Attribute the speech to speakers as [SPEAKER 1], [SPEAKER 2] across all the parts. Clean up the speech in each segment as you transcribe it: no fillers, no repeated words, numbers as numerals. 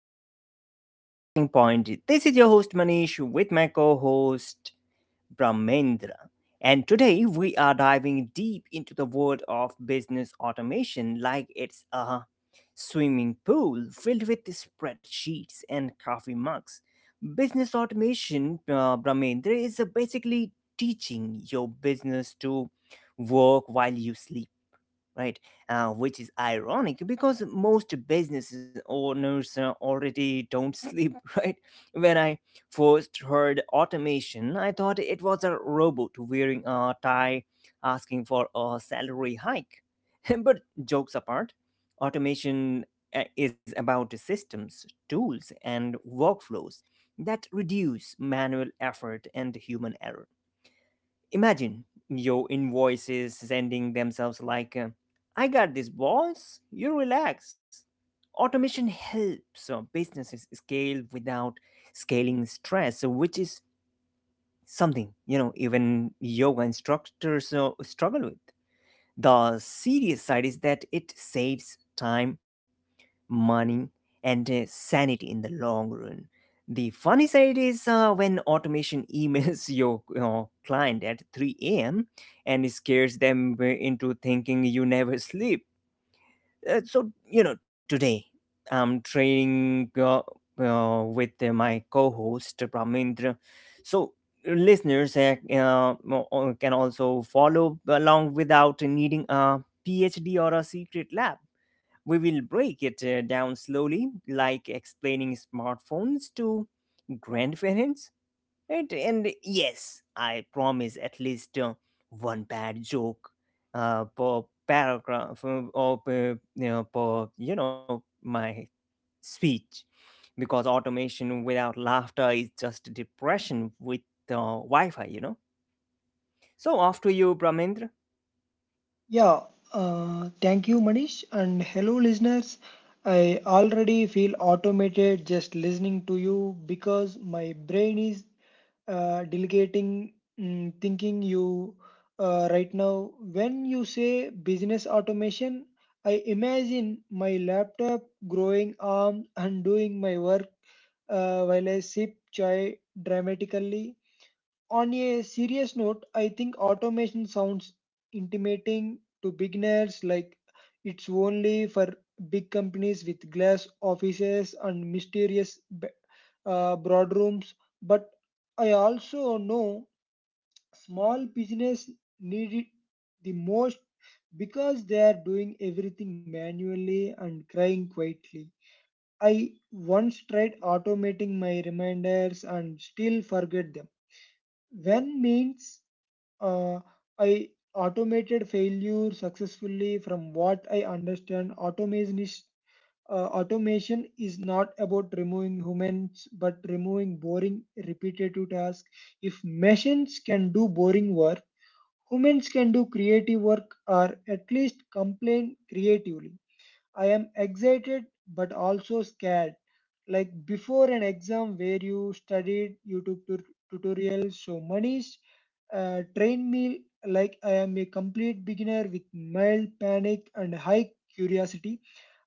[SPEAKER 1] in our show, The Talking Point. This is your host Manish with my co host Brahmendra. And today we are diving deep into the world of business automation like it's a swimming pool filled with spreadsheets and coffee mugs. Business automation, Brahmendra, is basically teaching your business to work while you sleep, right? Which is ironic because most business owners already don't sleep, right? When I first heard automation, I thought it was a robot wearing a tie asking for a salary hike. But jokes apart, automation is about systems, tools, and workflows that reduce manual effort and human error. Imagine your invoices sending themselves like, I got this, boss, you relax. Automation helps businesses scale without scaling stress, which is something, you know, even yoga instructors struggle with. The serious side is that it saves time, money, and sanity in the long run. The funny side is when automation emails your client at 3 a.m. and scares them into thinking you never sleep. So, you know, today I'm training with my co host, Pramindra. So, listeners can also follow along without needing a PhD or a secret lab. We will break it down slowly, like explaining smartphones to grandparents. Right? And yes, I promise at least one bad joke per paragraph or per, you know, my speech. Because automation without laughter is just depression with Wi Fi, you know. So, off to you, Brahmendra.
[SPEAKER 2] Yeah, thank you, Manish, and hello, listeners. I already feel automated just listening to you because my brain is delegating thinking you right now. When you say business automation, I imagine my laptop growing arms and doing my work while I sip chai dramatically. On a serious note, I think automation sounds intimidating to beginners, like it's only for big companies with glass offices and mysterious boardrooms. But I also know small business need it the most because they are doing everything manually and crying quietly. I once tried automating my reminders and still forget them. When means uh, I automated failure successfully from what I understand. Automation is not about removing humans but removing boring, repetitive tasks. If machines can do boring work, humans can do creative work or at least complain creatively. I am excited but also scared. Like before an exam where you studied YouTube tutorials, so Manish trained me like I am a complete beginner with mild panic and high curiosity,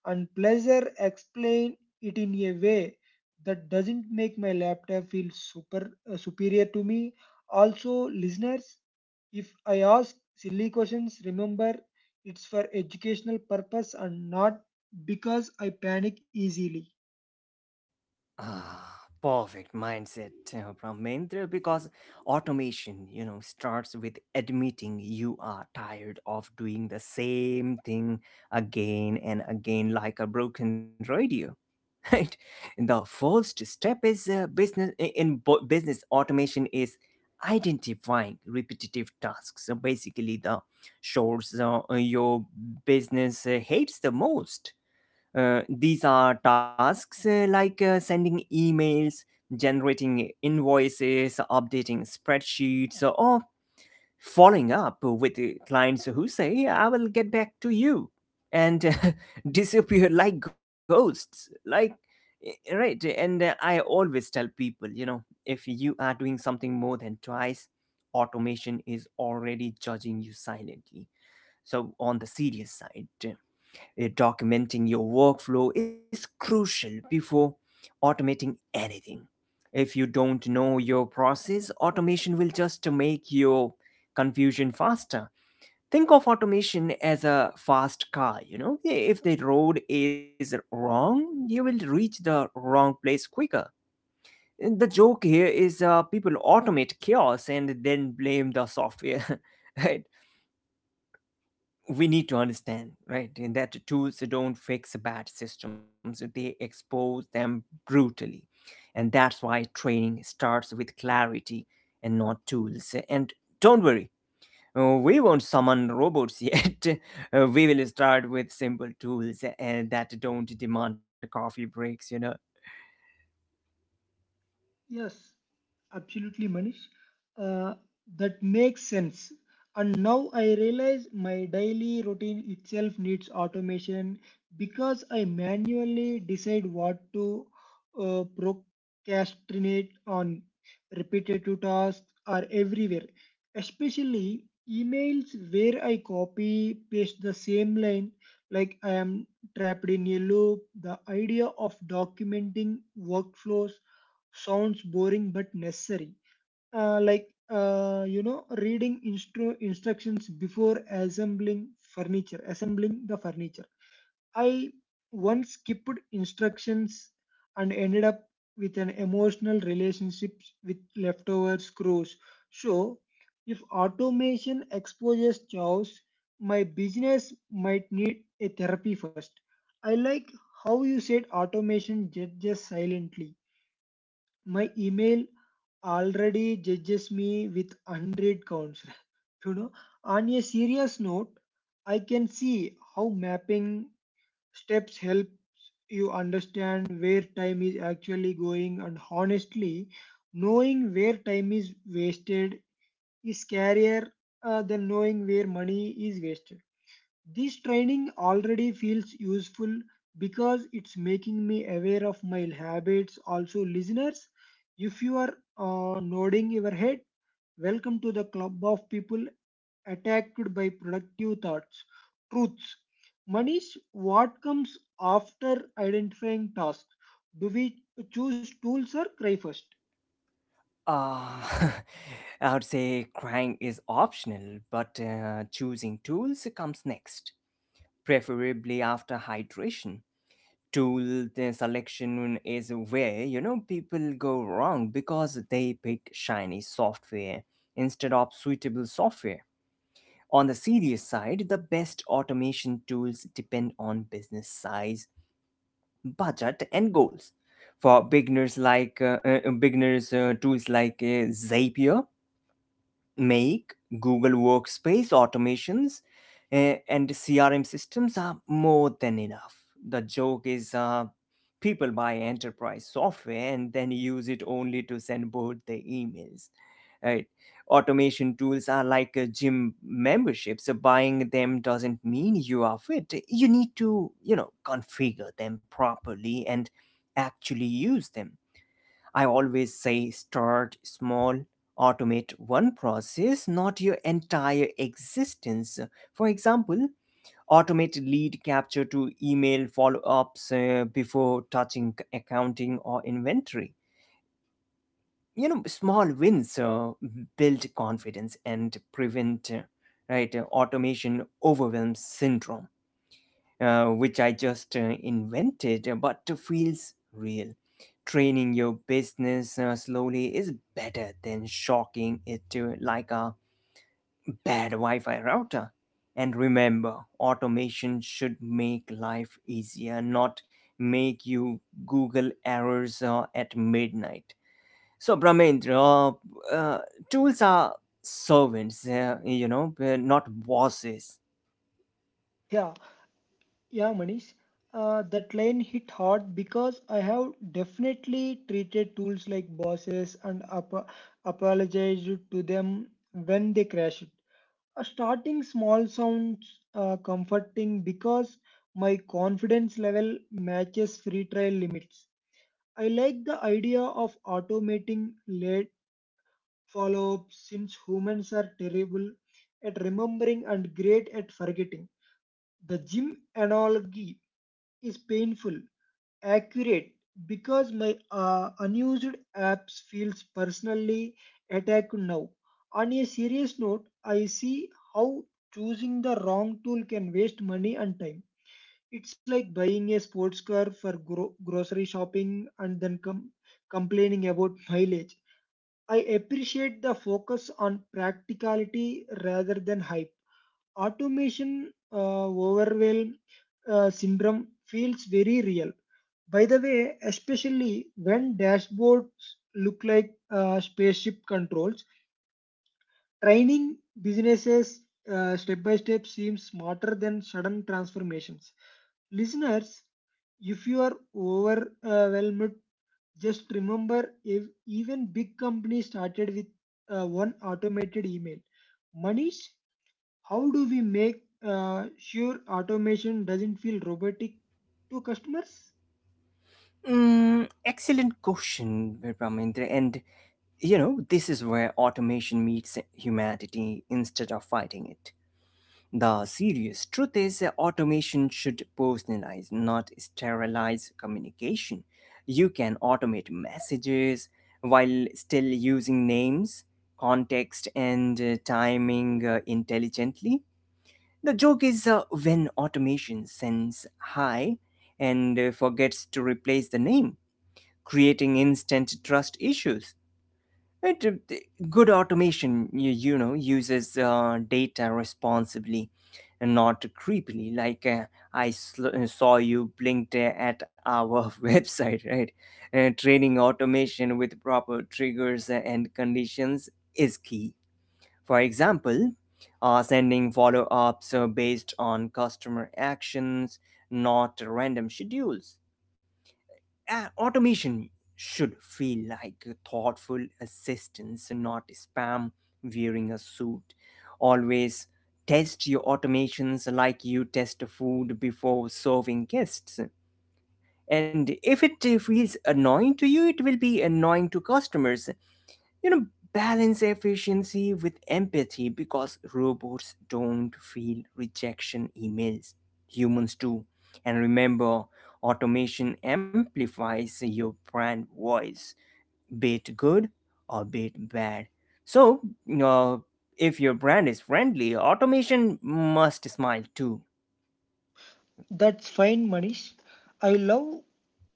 [SPEAKER 2] and pleasure explain it in a way that doesn't make my laptop feel super superior to me. Also, listeners, if I ask silly questions, remember it's for educational purpose and not because I panic easily.
[SPEAKER 1] Ah, perfect mindset, Brahmendra, because automation, you know, starts with admitting you are tired of doing the same thing again and again like a broken radio. Right? The first step in business automation is identifying repetitive tasks. So basically the chores your business hates the most. These are tasks like sending emails, generating invoices, updating spreadsheets, or following up with clients who say, I will get back to you, and disappear like ghosts. Like, eh, right. And I always tell people, you know, if you are doing something more than twice, automation is already judging you silently. So, on the serious side. Documenting your workflow is crucial before automating anything. If you don't know your process, automation will just make your confusion faster. Think of automation as a fast car, you know? If the road is wrong, you will reach the wrong place quicker. And the joke here is people automate chaos and then blame the software. Right? We need to understand, right, in that tools don't fix bad systems, they expose them brutally. And that's why training starts with clarity and not tools. And don't worry, we won't summon robots yet. We will start with simple tools and that don't demand coffee breaks, you know.
[SPEAKER 2] Yes, absolutely, Manish. Uh, that makes sense. And now I realize my daily routine itself needs automation because I manually decide what to procrastinate on. Repetitive tasks are everywhere, especially emails where I copy paste the same line like I am trapped in a loop. The idea of documenting workflows sounds boring but necessary. Reading instructions before assembling furniture, assembling the furniture. I once skipped instructions and ended up with an emotional relationship with leftover screws. So, if automation exposes chaos, my business might need a therapy first. I like how you said automation judges silently. My email already judges me with 100 counts. You know, on a serious note, I can see how mapping steps help you understand where time is actually going, and honestly, knowing where time is wasted is scarier than knowing where money is wasted. This training already feels useful because it's making me aware of my habits. Also, listeners, if you are nodding your head, welcome to the club of people attacked by productive thoughts. Truths. Manish, what comes after identifying tasks? Do we choose tools or cry first?
[SPEAKER 1] Uh, I would say crying is optional, but choosing tools comes next, preferably after hydration. Tool selection is where, you know, people go wrong because they pick shiny software instead of suitable software. On the serious side, the best automation tools depend on business size, budget, and goals. For beginners like beginners, tools like Zapier Make, Google Workspace automations, eh, and CRM systems are more than enough. The joke is people buy enterprise software and then use it only to send both their emails, right? Automation tools are like gym memberships. So buying them doesn't mean you are fit. You need to, you know, configure them properly and actually use them. I always say start small, automate one process, not your entire existence. For example, automate lead capture to email follow ups before touching accounting or inventory. You know, small wins build confidence and prevent right automation overwhelm syndrome which I just invented, but feels real. Training your business slowly is better than shocking it to like a bad Wi Fi router. And remember, automation should make life easier, not make you Google errors at midnight. So, Brahmendra, uh, uh, tools are servants, you know, not bosses.
[SPEAKER 2] Yeah, yeah, Manish. That line hit hard because I have definitely treated tools like bosses and apologized to them when they crashed. Starting small sounds comforting because my confidence level matches free trial limits. I like the idea of automating late follow ups since humans are terrible at remembering and great at forgetting. The gym analogy is painful, accurate because my unused apps feels personally attacked now. On a serious note, I see how choosing the wrong tool can waste money and time. It's like buying a sports car for grocery shopping and then complaining about mileage. I appreciate the focus on practicality rather than hype. Automation overwhelm syndrome feels very real. By the way, especially when dashboards look like spaceship controls, training businesses step by step seems smarter than sudden transformations. Listeners, if you are overwhelmed, just remember if even big companies started with one automated email. Manish, how do we make sure automation doesn't feel robotic to customers?
[SPEAKER 1] Mm, excellent question, Ramendra. And you know, this is where automation meets humanity instead of fighting it. The serious truth is that automation should personalize, not sterilize communication. You can automate messages while still using names, context, and timing intelligently. The joke is when automation sends hi and forgets to replace the name, creating instant trust issues. It, good automation, you know, uses data responsibly and not creepily. Like saw you blinked at our website, right? Training automation with proper triggers and conditions is key. For example, sending follow ups based on customer actions, not random schedules. Uh, automation should feel like a thoughtful assistance, not spam wearing a suit. Always test your automations like you test food before serving guests. And if it feels annoying to you, it will be annoying to customers, you know. Balance efficiency with empathy because robots don't feel rejection emails, humans do. And remember, automation amplifies your brand voice, be it good or be it bad. So uh, if your brand is friendly, automation must smile too.
[SPEAKER 2] That's fine, Manish. I love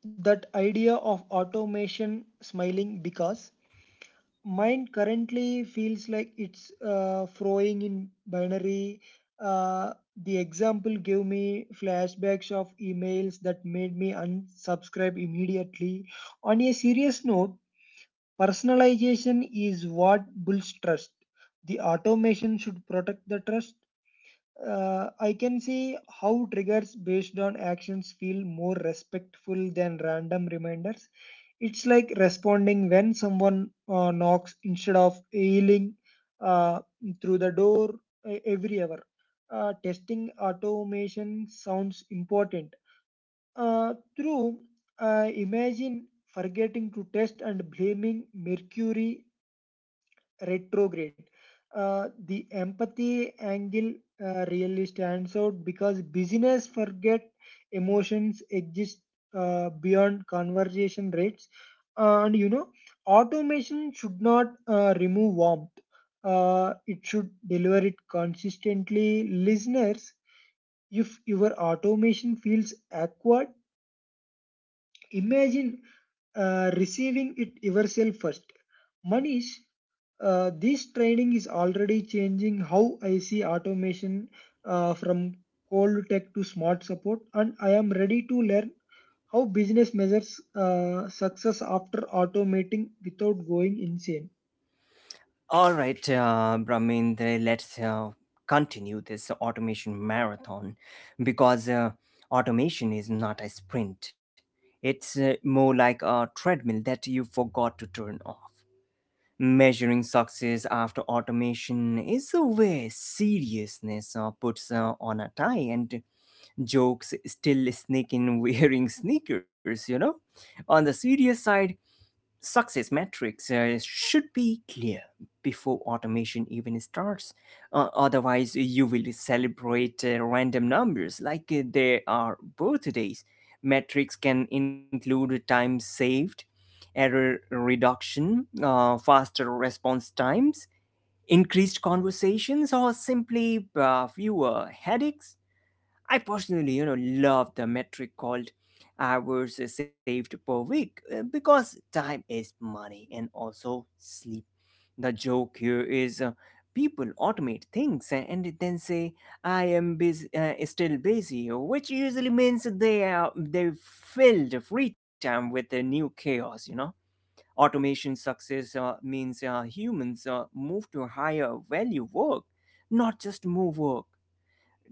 [SPEAKER 2] that idea of automation smiling because mine currently feels like it's throwing in binary. Uh, the example gave me flashbacks of emails that made me unsubscribe immediately. On a serious note, personalization is what builds trust. The automation should protect the trust. I can see how triggers based on actions feel more respectful than random reminders. It's like responding when someone knocks instead of yelling uh, through the door every hour. Testing automation sounds important. Through Imagine forgetting to test and blaming Mercury retrograde. The empathy angle really stands out because business forget emotions exist beyond conversation rates. And you know, automation should not remove warmth. It should deliver it consistently. Listeners, if your automation feels awkward, imagine receiving it yourself first. Manish, this training is already changing how I see automation from cold tech to smart support, and I am ready to learn how business measures success after automating without going insane.
[SPEAKER 1] All right, Brahmendra, let's continue this automation marathon because automation is not a sprint. It's more like a treadmill that you forgot to turn off. Measuring success after automation is where seriousness puts on a tie and jokes still sneak in wearing sneakers, you know? On the serious side, success metrics should be clear before automation even starts. Otherwise, you will celebrate random numbers like they are birthdays. Metrics can include time saved, error reduction, faster response times, increased conversations, or simply fewer headaches. I personally, you know, love the metric called hours saved per week because time is money and also sleep. The joke here is people automate things and then say I am busy, still busy, which usually means they filled free time with the new chaos. You know, automation success means humans move to higher value work, not just more work.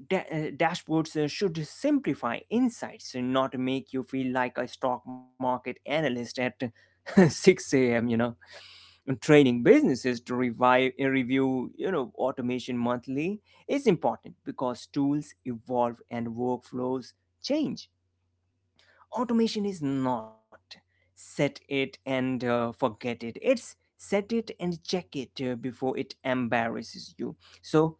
[SPEAKER 1] Da- dashboards should simplify insights and not make you feel like a stock market analyst at 6 a.m., you know. And training businesses to review, you know, automation monthly is important because tools evolve and workflows change. Automation is not set it and forget it, it's set it and check it before it embarrasses you. So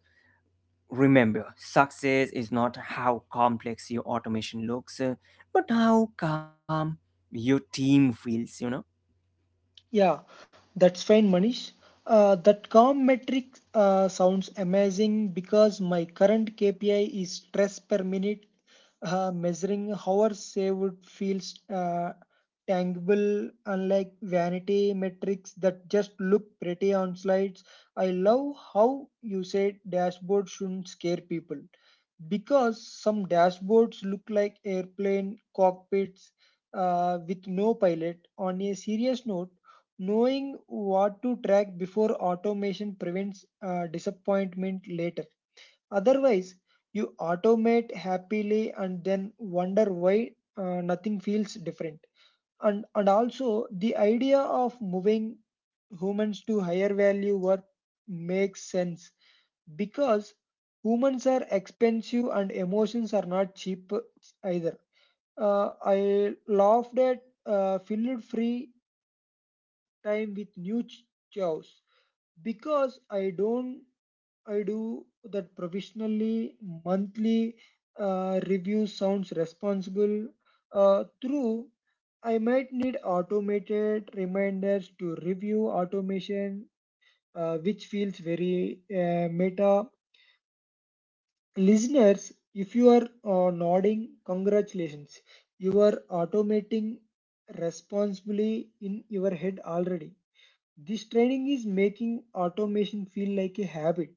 [SPEAKER 1] remember, success is not how complex your automation looks, but how calm your team feels, you know?
[SPEAKER 2] Yeah, that's fine, Manish. That calm metric sounds amazing because my current KPI is stress per minute. Uh, measuring hours saved feels tangible, unlike vanity metrics that just look pretty on slides. I love how you said dashboard shouldn't scare people because some dashboards look like airplane cockpits with no pilot. On a serious note, knowing what to track before automation prevents disappointment later. Otherwise, you automate happily and then wonder why nothing feels different. And also, the idea of moving humans to higher value work makes sense because humans are expensive and emotions are not cheap either. I laughed at filled free time with new chores because I don't I do that professionally monthly review sounds responsible. Through I might need automated reminders to review automation which feels very meta. Listeners, if you are nodding, congratulations, you are automating responsibly in your head already. This training is making automation feel like a habit,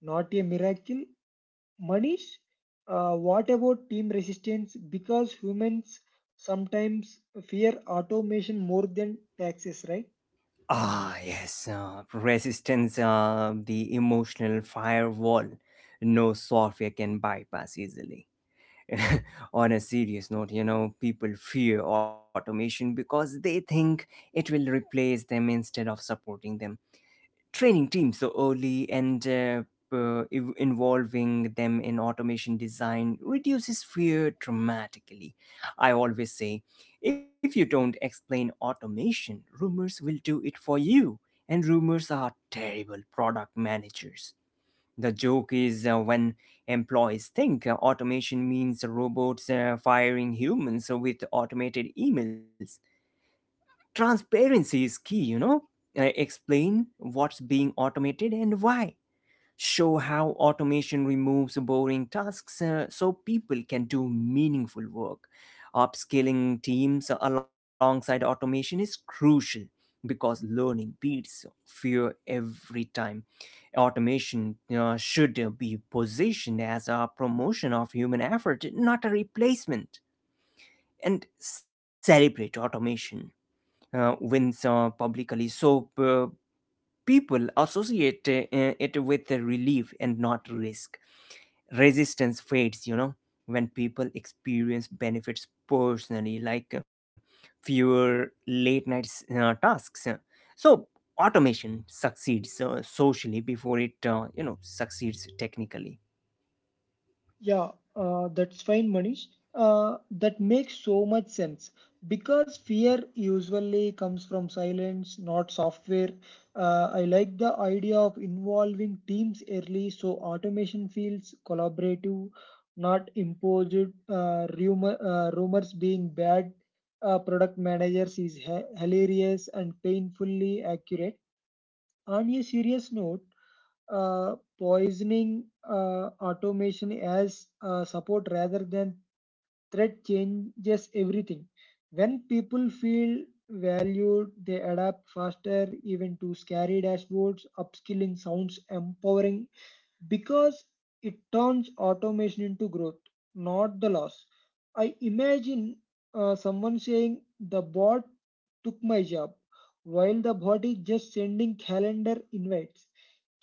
[SPEAKER 2] not a miracle. Manish, what about team resistance? Because humans sometimes fear automation more than taxes, right?
[SPEAKER 1] Ah, yes, resistance, the emotional firewall no software can bypass easily. On a serious note, you know, people fear automation because they think it will replace them instead of supporting them. Training teams so early and involving them in automation design reduces fear dramatically. I always say, if you don't explain automation, rumors will do it for you. And rumors are terrible product managers. The joke is when employees think automation means robots firing humans with automated emails. Transparency is key, you know. Explain what's being automated and why. Show how automation removes boring tasks so people can do meaningful work. Upskilling teams alongside automation is crucial because learning beats fear every time. Automation should be positioned as a promotion of human effort, not a replacement. And celebrate automation wins publicly. So people associate it with the relief and not risk. Resistance fades, you know, when people experience benefits personally, like fewer late night tasks. So automation succeeds socially before it, you know, succeeds technically.
[SPEAKER 2] Yeah, that's fine, Manish. That makes so much sense because fear usually comes from silence, not software. I like the idea of involving teams early so automation feels collaborative, not imposed. Rumors being bad, product managers is ha hilarious and painfully accurate. On a serious note, poisoning automation as support rather than threat changes everything. When people feel valued, they adapt faster, even to scary dashboards. Upskilling sounds empowering because it turns automation into growth, not the loss. I imagine someone saying, "The bot took my job," while the bot is just sending calendar invites.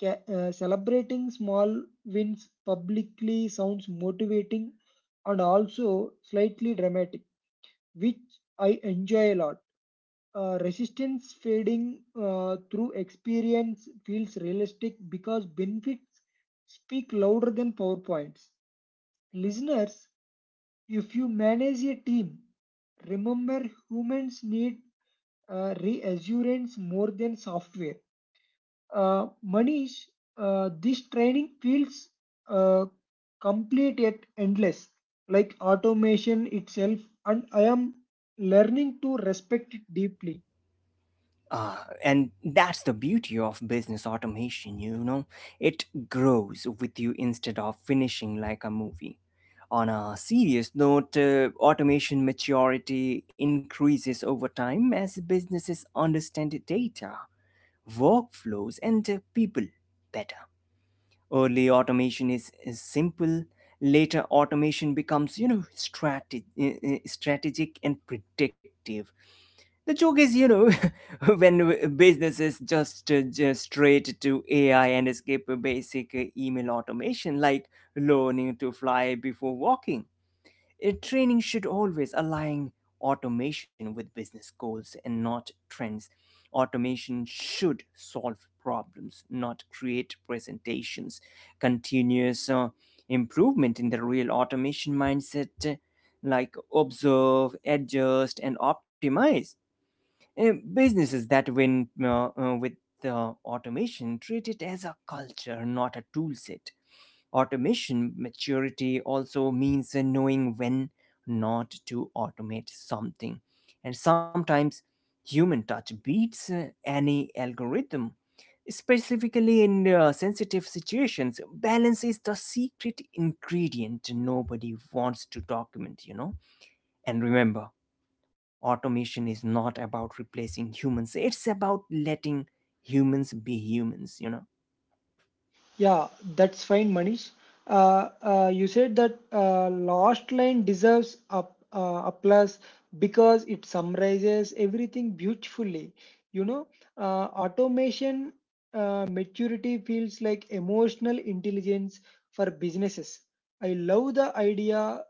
[SPEAKER 2] Uh, celebrating small wins publicly sounds motivating and also slightly dramatic, which I enjoy a lot. Resistance fading through experience feels realistic because benefits speak louder than PowerPoints. Listeners, if you manage a team, remember humans need reassurance more than software. Manish, this training feels uh, complete yet endless, like automation itself, and I am learning to respect it deeply.
[SPEAKER 1] Uh, and that's the beauty of business automation, you know. It grows with you instead of finishing like a movie. On a serious note, automation maturity increases over time as businesses understand data, workflows, and people better. Early automation is simple. Later automation becomes, you know, strategic and predictive. The joke is, you know, when businesses just straight to AI and skip a basic email automation, like learning to fly before walking. Training should always align automation with business goals and not trends. Automation should solve problems, not create presentations. Continuous improvement in the real automation mindset, like observe, adjust, and optimize. Businesses that win with the automation treat it as a culture, not a tool set. Automation maturity also means knowing when not to automate something. And sometimes human touch beats any algorithm. Specifically in sensitive situations, balance is the secret ingredient nobody wants to document. And remember, automation is not about replacing humans, it's about letting humans be humans.
[SPEAKER 2] Yeah, that's fine, Manish. You said that last line deserves a, applause because it summarizes everything beautifully. You know, uh, automation maturity feels like emotional intelligence for businesses. I love the idea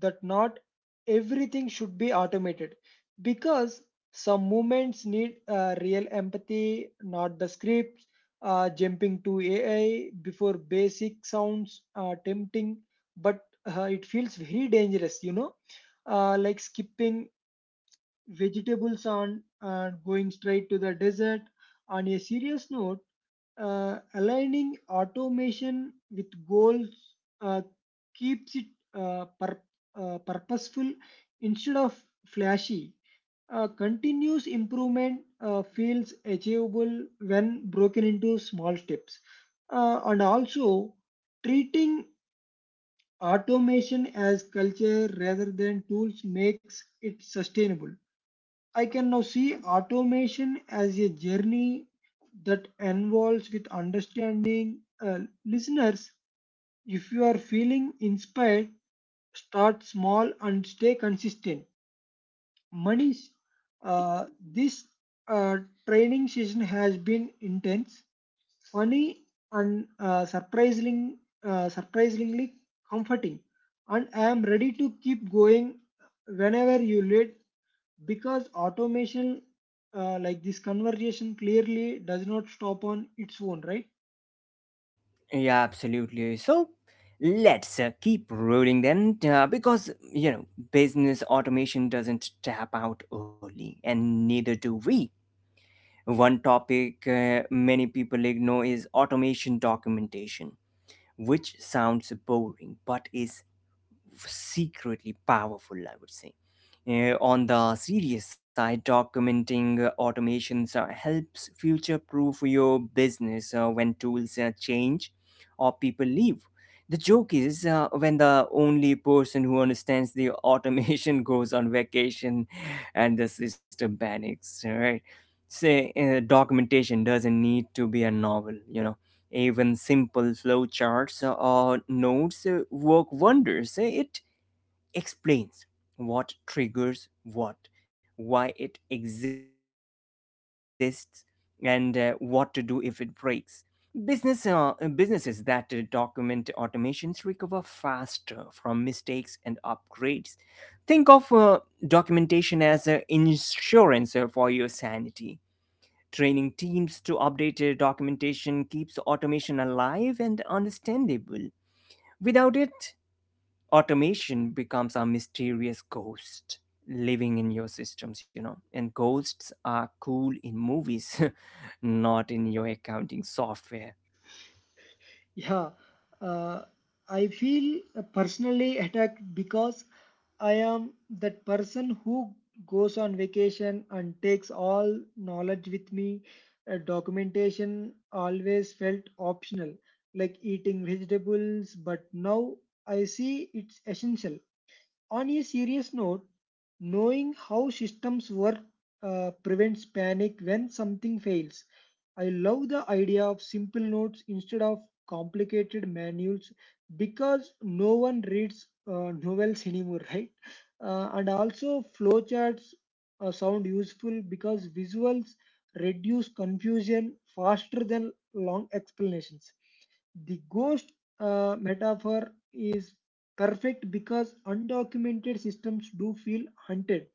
[SPEAKER 2] that not everything should be automated because some movements need real empathy, not the script. Uh, jumping to AI before basic sounds tempting, but it feels very dangerous, you know, like skipping vegetables on and going straight to the desert. On a serious note, aligning automation with goals uh, keeps it uh, pur- purposeful instead of flashy. Continuous improvement feels achievable when broken into small steps. And also, treating automation as culture rather than tools makes it sustainable. I can now see automation as a journey that involves with understanding. Listeners, if you are feeling inspired, start small and stay consistent. Manish, uh, this uh, training session has been intense, funny, and surprisingly comforting. And I am ready to keep going whenever you lead because automation like this conversation clearly does not stop on its own, right?
[SPEAKER 1] Yeah, absolutely. So let's keep rolling then, because business automation doesn't tap out early, and neither do we. One topic many people ignore is automation documentation, which sounds boring but is secretly powerful, I would say. On the serious side, documenting automations helps future proof your business when tools change or people leave. The joke is when the only person who understands the automation goes on vacation and the system panics, right? Say, documentation doesn't need to be a novel. Even simple flowcharts or notes work wonders. It explains what triggers what, why it exists, and what to do if it breaks. Business, uh, businesses that document automations recover faster from mistakes and upgrades. Think of documentation as insurance for your sanity. Training teams to update documentation keeps automation alive and understandable. Without it, automation becomes a mysterious ghost living in your systems. And ghosts are cool in movies, not in your accounting software.
[SPEAKER 2] Yeah, uh, I feel personally attacked because I am that person who goes on vacation and takes all knowledge with me. Documentation always felt optional, like eating vegetables, but now I see it's essential. On a serious note, knowing how systems work prevents panic when something fails. I love the idea of simple notes instead of complicated manuals because no one reads novels anymore, right? And also, flowcharts sound useful because visuals reduce confusion faster than long explanations. The ghost metaphor is perfect because undocumented systems do feel hunted.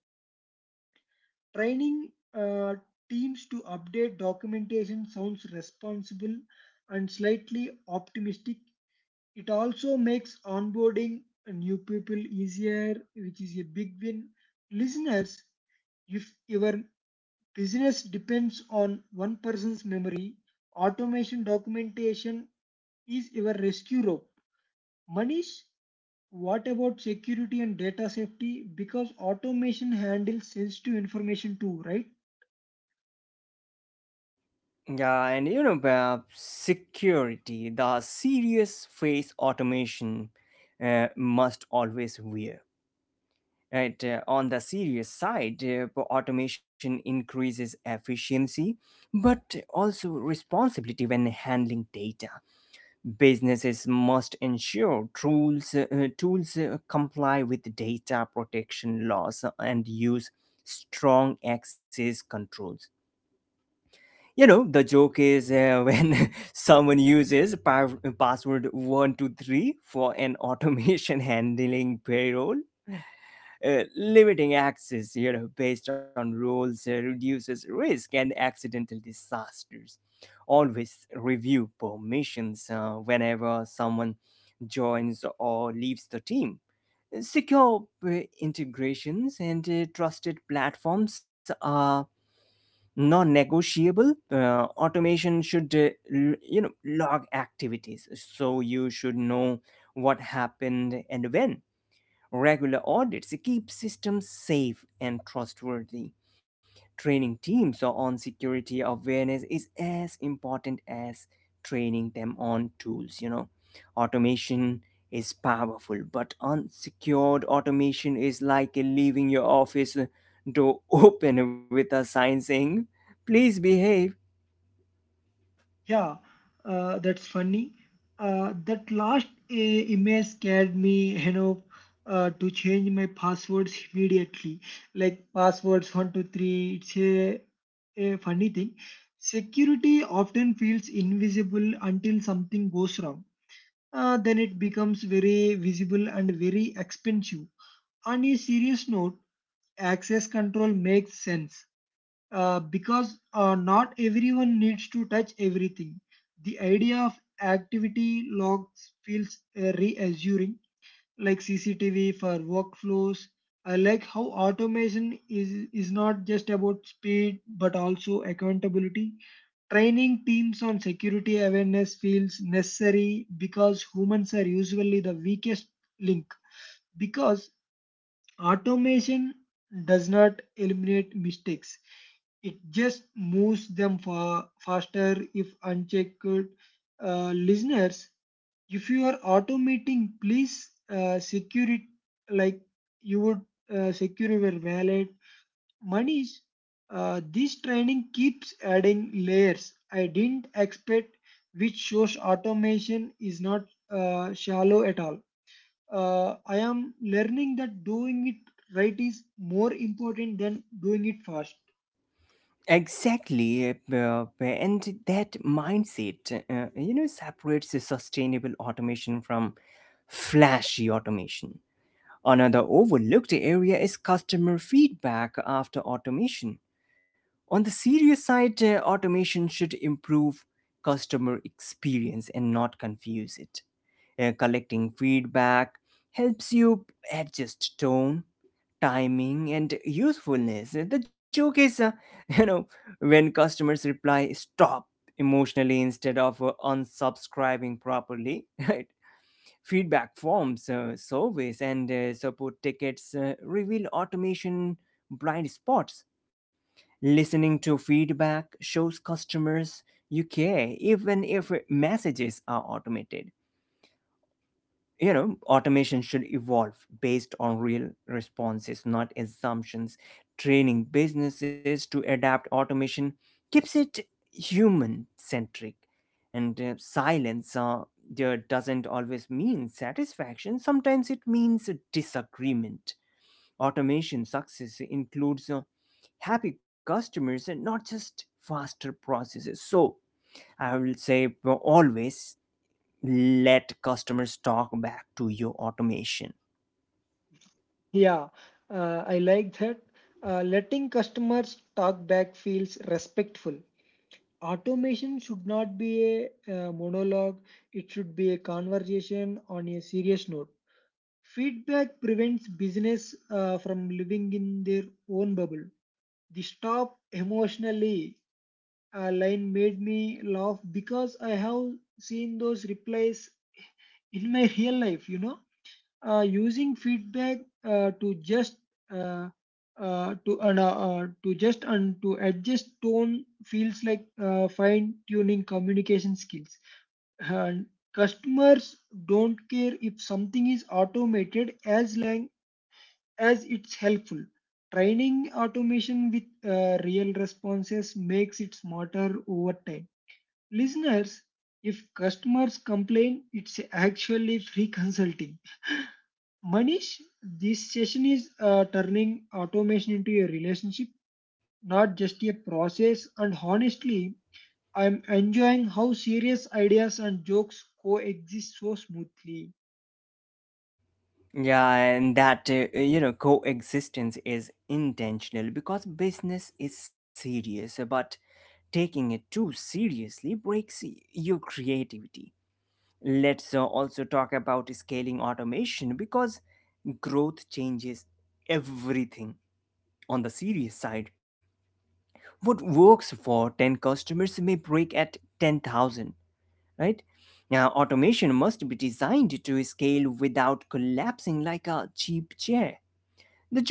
[SPEAKER 2] Training teams to update documentation sounds responsible and slightly optimistic. It also makes onboarding new people easier, which is a big win. Listeners, if your business depends on one person's memory, automation documentation is your rescue rope. Manish, what about security and data safety? Because automation handles sensitive information too, right?
[SPEAKER 1] Yeah, and security, the serious face automation must always wear. Right, on the serious side, automation increases efficiency but also responsibility when handling data. Businesses must ensure tools comply with data protection laws and use strong access controls. You know, the joke is when someone uses password 123 for an automation handling payroll. Limiting access, based on rules reduces risk and accidental disasters. Always review permissions whenever someone joins or leaves the team. Secure integrations and trusted platforms are non-negotiable. Automation should log activities, so you should know what happened and when. Regular audits keep systems safe and trustworthy. Training teams on security awareness is as important as training them on tools. Automation is powerful, but unsecured automation is like leaving your office door open with a sign saying, please behave.
[SPEAKER 2] Yeah, that's funny. That last email scared me, you know, to change my passwords immediately. Like passwords 123. It's a funny thing. Security often feels invisible until something goes wrong. Then it becomes very visible and very expensive. On a serious note, access control makes sense because not everyone needs to touch everything. The idea of activity logs feels reassuring, like CCTV for workflows. I like how automation is not just about speed but also accountability. Training teams on security awareness feels necessary because humans are usually the weakest link. Because Automation does not eliminate mistakes. It just moves them far faster if unchecked. Listeners, if you are automating, please secure it like you would secure your wallet. Manish, this training keeps adding layers. I didn't expect, which shows automation is not shallow at all. I am learning that doing it right is more important than doing it fast.
[SPEAKER 1] Exactly, and that mindset, separates the sustainable automation from flashy automation. Another overlooked area is customer feedback after automation. On the serious side, automation should improve customer experience and not confuse it. Collecting feedback helps you adjust tone, timing and usefulness. The joke is, you know, when customers reply stop emotionally instead of unsubscribing properly, right? Feedback forms, surveys, and support tickets reveal automation blind spots. Listening to feedback shows customers you care, even if messages are automated. Automation should evolve based on real responses, not assumptions. Training businesses to adapt automation keeps it human centric, and silence there doesn't always mean satisfaction. Sometimes it means a disagreement. Automation success includes happy customers and not just faster processes. So I will say, always let customers talk back to your automation.
[SPEAKER 2] Yeah, I like that. Letting customers talk back feels respectful. Automation should not be a monologue, it should be a conversation on a serious note. Feedback prevents business from living in their own bubble. The stop emotionally line made me laugh because I have seen those replies in my real life. Using feedback to just uh, to and to just and to adjust tone feels like fine tuning communication skills, and customers don't care if something is automated as long as it's helpful. Training automation with real responses makes it smarter over time. Listeners, if customers complain, it's actually free consulting. Manish, this session is turning automation into a relationship, not just a process. And honestly, I'm enjoying how serious ideas and jokes coexist so smoothly.
[SPEAKER 1] Yeah, and that coexistence is intentional, because business is serious but taking it too seriously breaks your creativity. Let's also talk about scaling automation because growth changes everything. On the serious side, what works for 10 customers may break at 10,000, right? Now, automation must be designed to scale without collapsing like a cheap chair.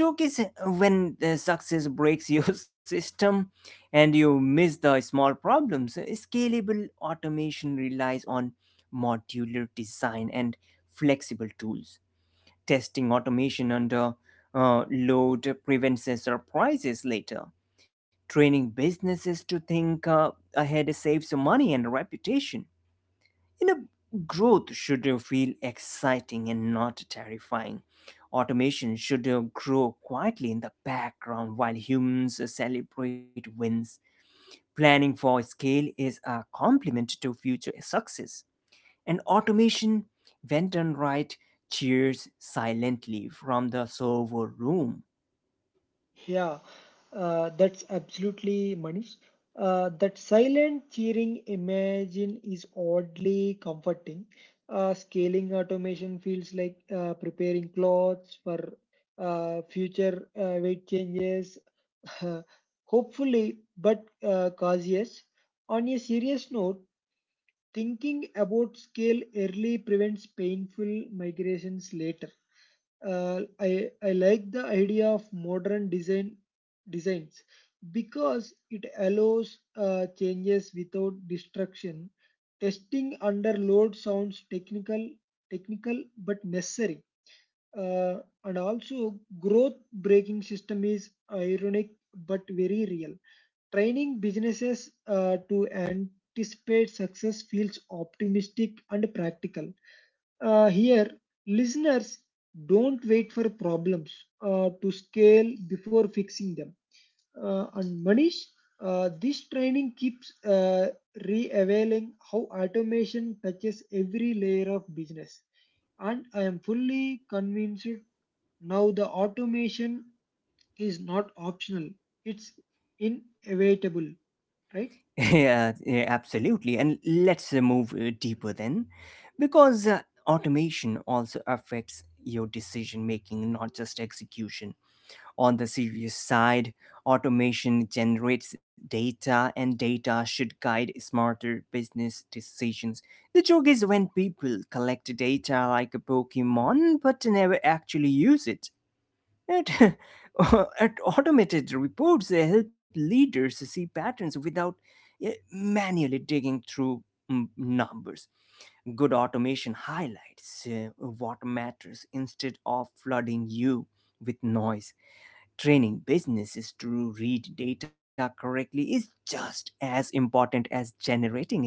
[SPEAKER 1] The joke is when the success breaks your system and you miss the small problems. Scalable automation relies on modular design and flexible tools. Testing automation under load prevents surprises later. Training businesses to think ahead saves money and reputation you know, Growth should feel exciting and not terrifying. Automation should grow quietly in the background while humans celebrate wins. Planning for scale is a complement to future success. And automation, when done right, cheers silently from the server room.
[SPEAKER 2] Yeah, that's absolutely Manish. That silent cheering imagine is oddly comforting. Scaling automation feels like preparing clothes for future weight changes, hopefully, but cautious. On a serious note, thinking about scale early prevents painful migrations later. I like the idea of modern designs because it allows changes without destruction. Testing under load sounds technical but necessary. uh, and also, growth breaking system is ironic but very real. Training businesses to anticipate success feels optimistic and practical. Here, listeners, don't wait for problems to scale before fixing them. And Manish, this training keeps re-availing how automation touches every layer of business. And I am fully convinced now, the automation is not optional, it's inevitable, right?
[SPEAKER 1] Yeah, yeah, absolutely. And let's move deeper then, because automation also affects your decision making, not just execution. On the serious side, automation generates data, and data should guide smarter business decisions. The joke is when people collect data like a Pokemon but never actually use it. At, at Automated reports, they help leaders see patterns without manually digging through numbers. Good automation highlights what matters instead of flooding you with noise. Training businesses to read data correctly is just as important as generating it.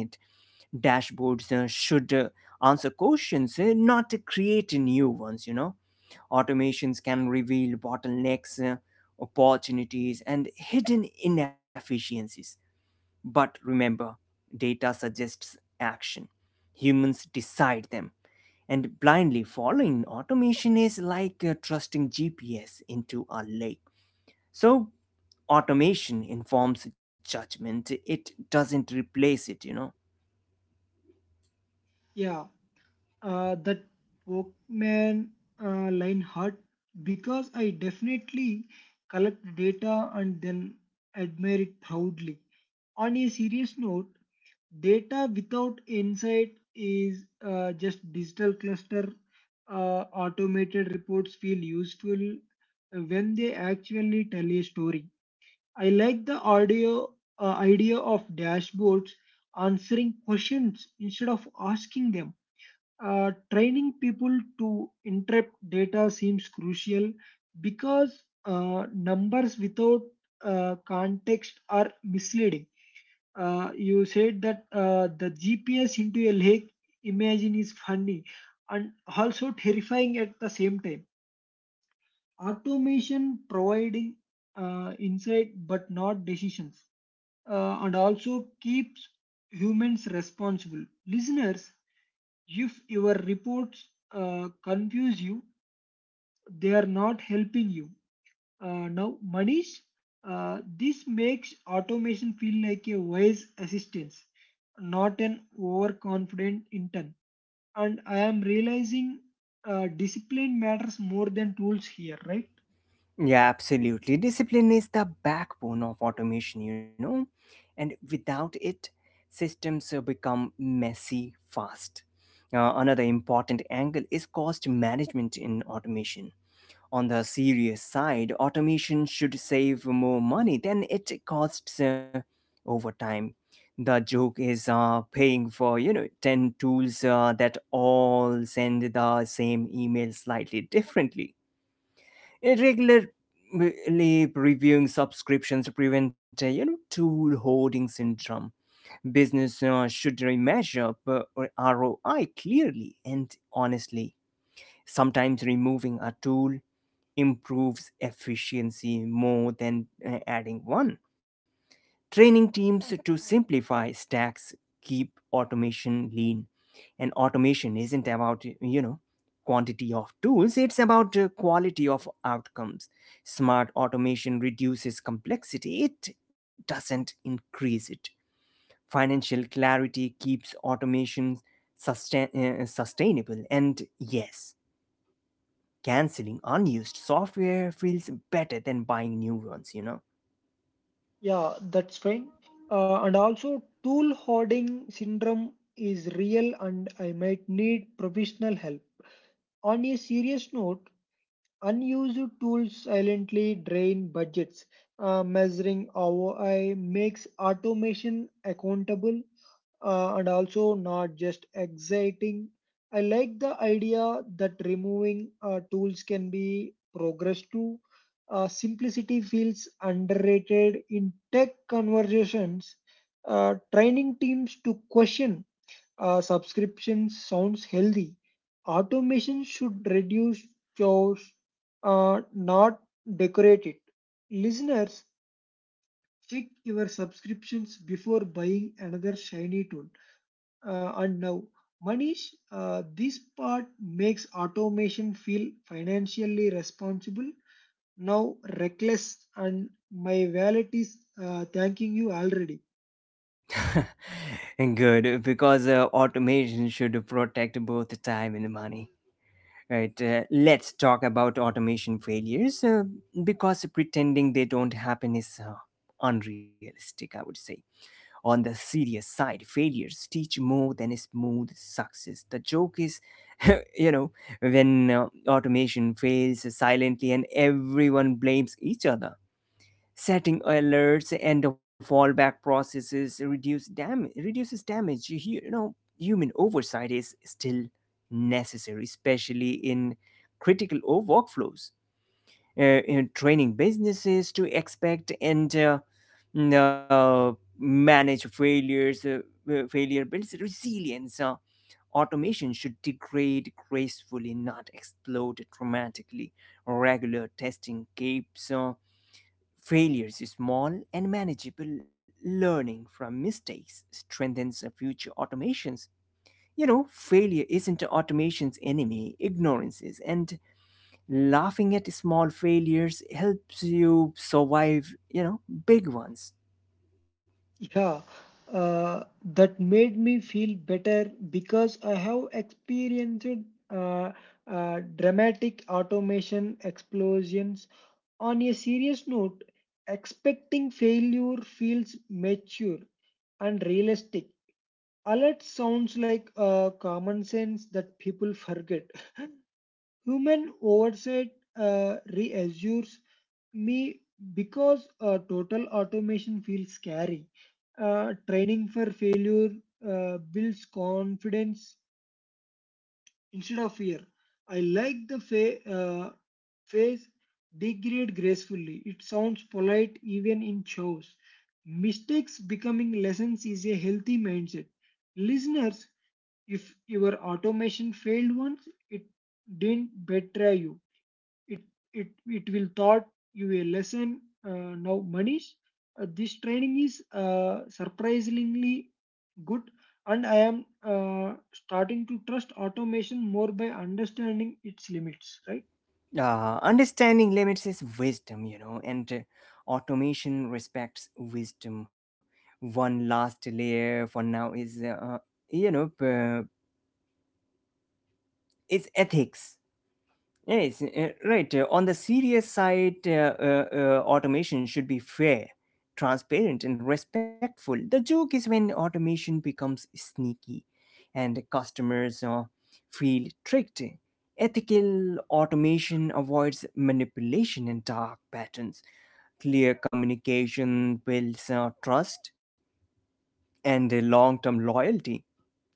[SPEAKER 1] Dashboards should answer questions, not create new ones, you know. Automations can reveal bottlenecks, opportunities, and hidden inefficiencies. But remember, data suggests action. Humans decide them. And blindly following automation is like trusting GPS into a lake. So, automation informs judgment, it doesn't replace it, you know.
[SPEAKER 2] Yeah, that Pokemon line hurt because I definitely collect data and then admire it proudly. On a serious note, data without insight is just digital cluster. Automated reports feel useful when they actually tell a story. I like the audio idea of dashboards answering questions instead of asking them. Training people to interpret data seems crucial because numbers without context are misleading. You said that the GPS into a lake imagine is funny and also terrifying at the same time. Automation providing insight but not decisions, and also keeps humans responsible. Listeners, if your reports confuse you, they are not helping you. Now, Manish, this makes automation feel like a wise assistance, not an overconfident intern. And I am realizing discipline matters more than tools here, right?
[SPEAKER 1] Yeah, absolutely. Discipline is the backbone of automation, you know, and without it, systems become messy fast. Another important angle is cost management in automation. On the serious side, automation should save more money than it costs over time. The joke is paying for, you know, 10 tools that all send the same email slightly differently. Regularly reviewing subscriptions to prevent tool hoarding syndrome. Business should measure ROI clearly and honestly. Sometimes removing a tool improves efficiency more than adding one. Training teams to simplify stacks keep automation lean. And automation isn't about, you know, quantity of tools, it's about quality of outcomes. Smart automation reduces complexity, it doesn't increase it. Financial clarity keeps automation sustainable. And yes, canceling unused software feels better than buying new ones, you know?
[SPEAKER 2] Yeah, that's fine. And also, tool hoarding syndrome is real, and I might need professional help. On a serious note, unused tools silently drain budgets. Measuring ROI makes automation accountable, and also not just exciting. I like the idea that removing tools can be progress too. Simplicity feels underrated in tech conversations. Training teams to question subscription sounds healthy. Automation should reduce chores, not decorate it. Listeners, check your subscriptions before buying another shiny tool. And now, Manish, this part makes automation feel financially responsible, now reckless, and my wallet is thanking you already.
[SPEAKER 1] And good, because automation should protect both time and money. Right, let's talk about automation failures because pretending they don't happen is unrealistic, I would say. On the serious side, failures teach more than a smooth success. The joke is, you know, when automation fails silently and everyone blames each other. Setting alerts and the fallback processes reduces damage. You know, human oversight is still necessary, especially in critical workflows. In training businesses to expect and n- uh, manage failures, failure builds resilience. Automation should degrade gracefully, not explode dramatically. Regular testing keeps. Failures small and manageable. Learning from mistakes strengthens our future automations. You know, failure isn't automation's enemy, ignorance is. And laughing at small failures helps you survive, you know, big ones.
[SPEAKER 2] Yeah, that made me feel better because I have experienced uh, dramatic automation explosions. On a serious note, expecting failure feels mature and realistic. Alert sounds like common sense that people forget. Human oversight reassures me because total automation feels scary. Training for failure builds confidence instead of fear. I like the phrase degrade gracefully. It sounds polite even in shows. Mistakes becoming lessons is a healthy mindset. Listeners, if your automation failed once, it didn't betray you, it will taught you a lesson. Now Manish, this training is surprisingly good, and I am uh, starting to trust automation more by understanding its limits, right?
[SPEAKER 1] Understanding limits is wisdom, you know, and automation respects wisdom. One last layer for now is, you know, uh, is ethics. Yes, right. On the serious side, automation should be fair, transparent, and respectful. The joke is when automation becomes sneaky and customers feel tricked. Ethical automation avoids manipulation and dark patterns. Clear communication builds trust and long term loyalty.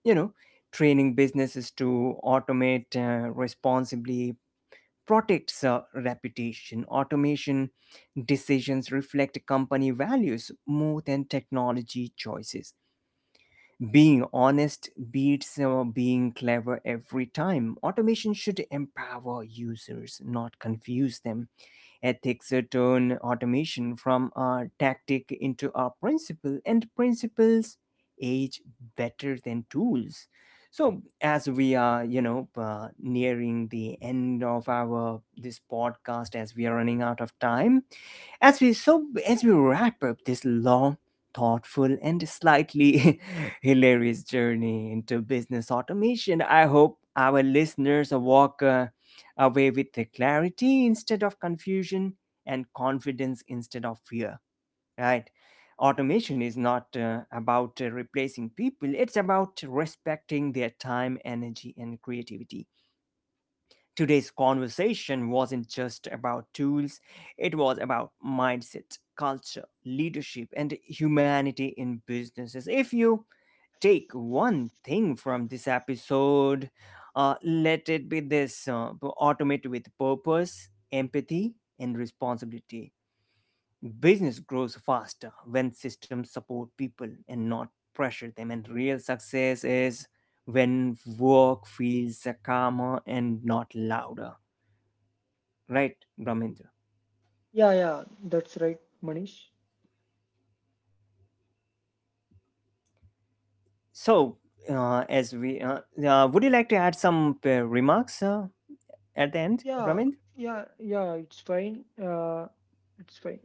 [SPEAKER 1] You know, training businesses to automate responsibly protects reputation. Automation decisions reflect company values more than technology choices. Being honest beats being clever every time. Automation should empower users, not confuse them. Ethics turn automation from a tactic into a principle, and principles age better than tools. So, as we are, you know, nearing the end of our this podcast, as we are running out of time, as we so as we wrap up this long, thoughtful and slightly hilarious journey into business automation, I hope our listeners walk away with the clarity instead of confusion and confidence instead of fear, right? Automation is not about replacing people, it's about respecting their time, energy and creativity. Today's conversation wasn't just about tools, it was about mindset, culture, leadership and humanity in businesses. If you take one thing from this episode, let it be this. Automate with purpose, empathy, and responsibility. Business grows faster when systems support people and not pressure them, and real success is when work feels calmer and not louder. Right, Ramindra?
[SPEAKER 2] Yeah, yeah, that's right, Manish.
[SPEAKER 1] So, as we would you like to add some remarks at the end,
[SPEAKER 2] Yeah,
[SPEAKER 1] Brahmin?
[SPEAKER 2] yeah, yeah, it's fine. uh, it's fine.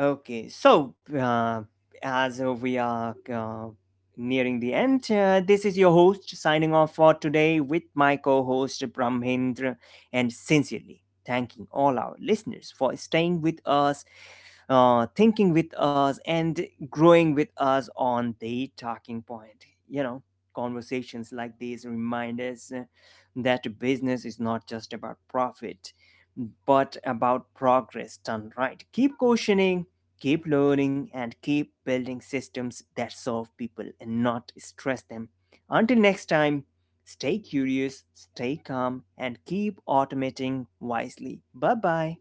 [SPEAKER 1] Okay, so as we are nearing the end. This is your host signing off for today with my co host Brahmendra, and sincerely thanking all our listeners for staying with us, thinking with us and growing with us on the talking point. You know, conversations like these remind us that business is not just about profit, but about progress done right. Keep questioning, keep learning, and keep building systems that serve people and not stress them. Until next time, stay curious, stay calm, and keep automating wisely. Bye bye.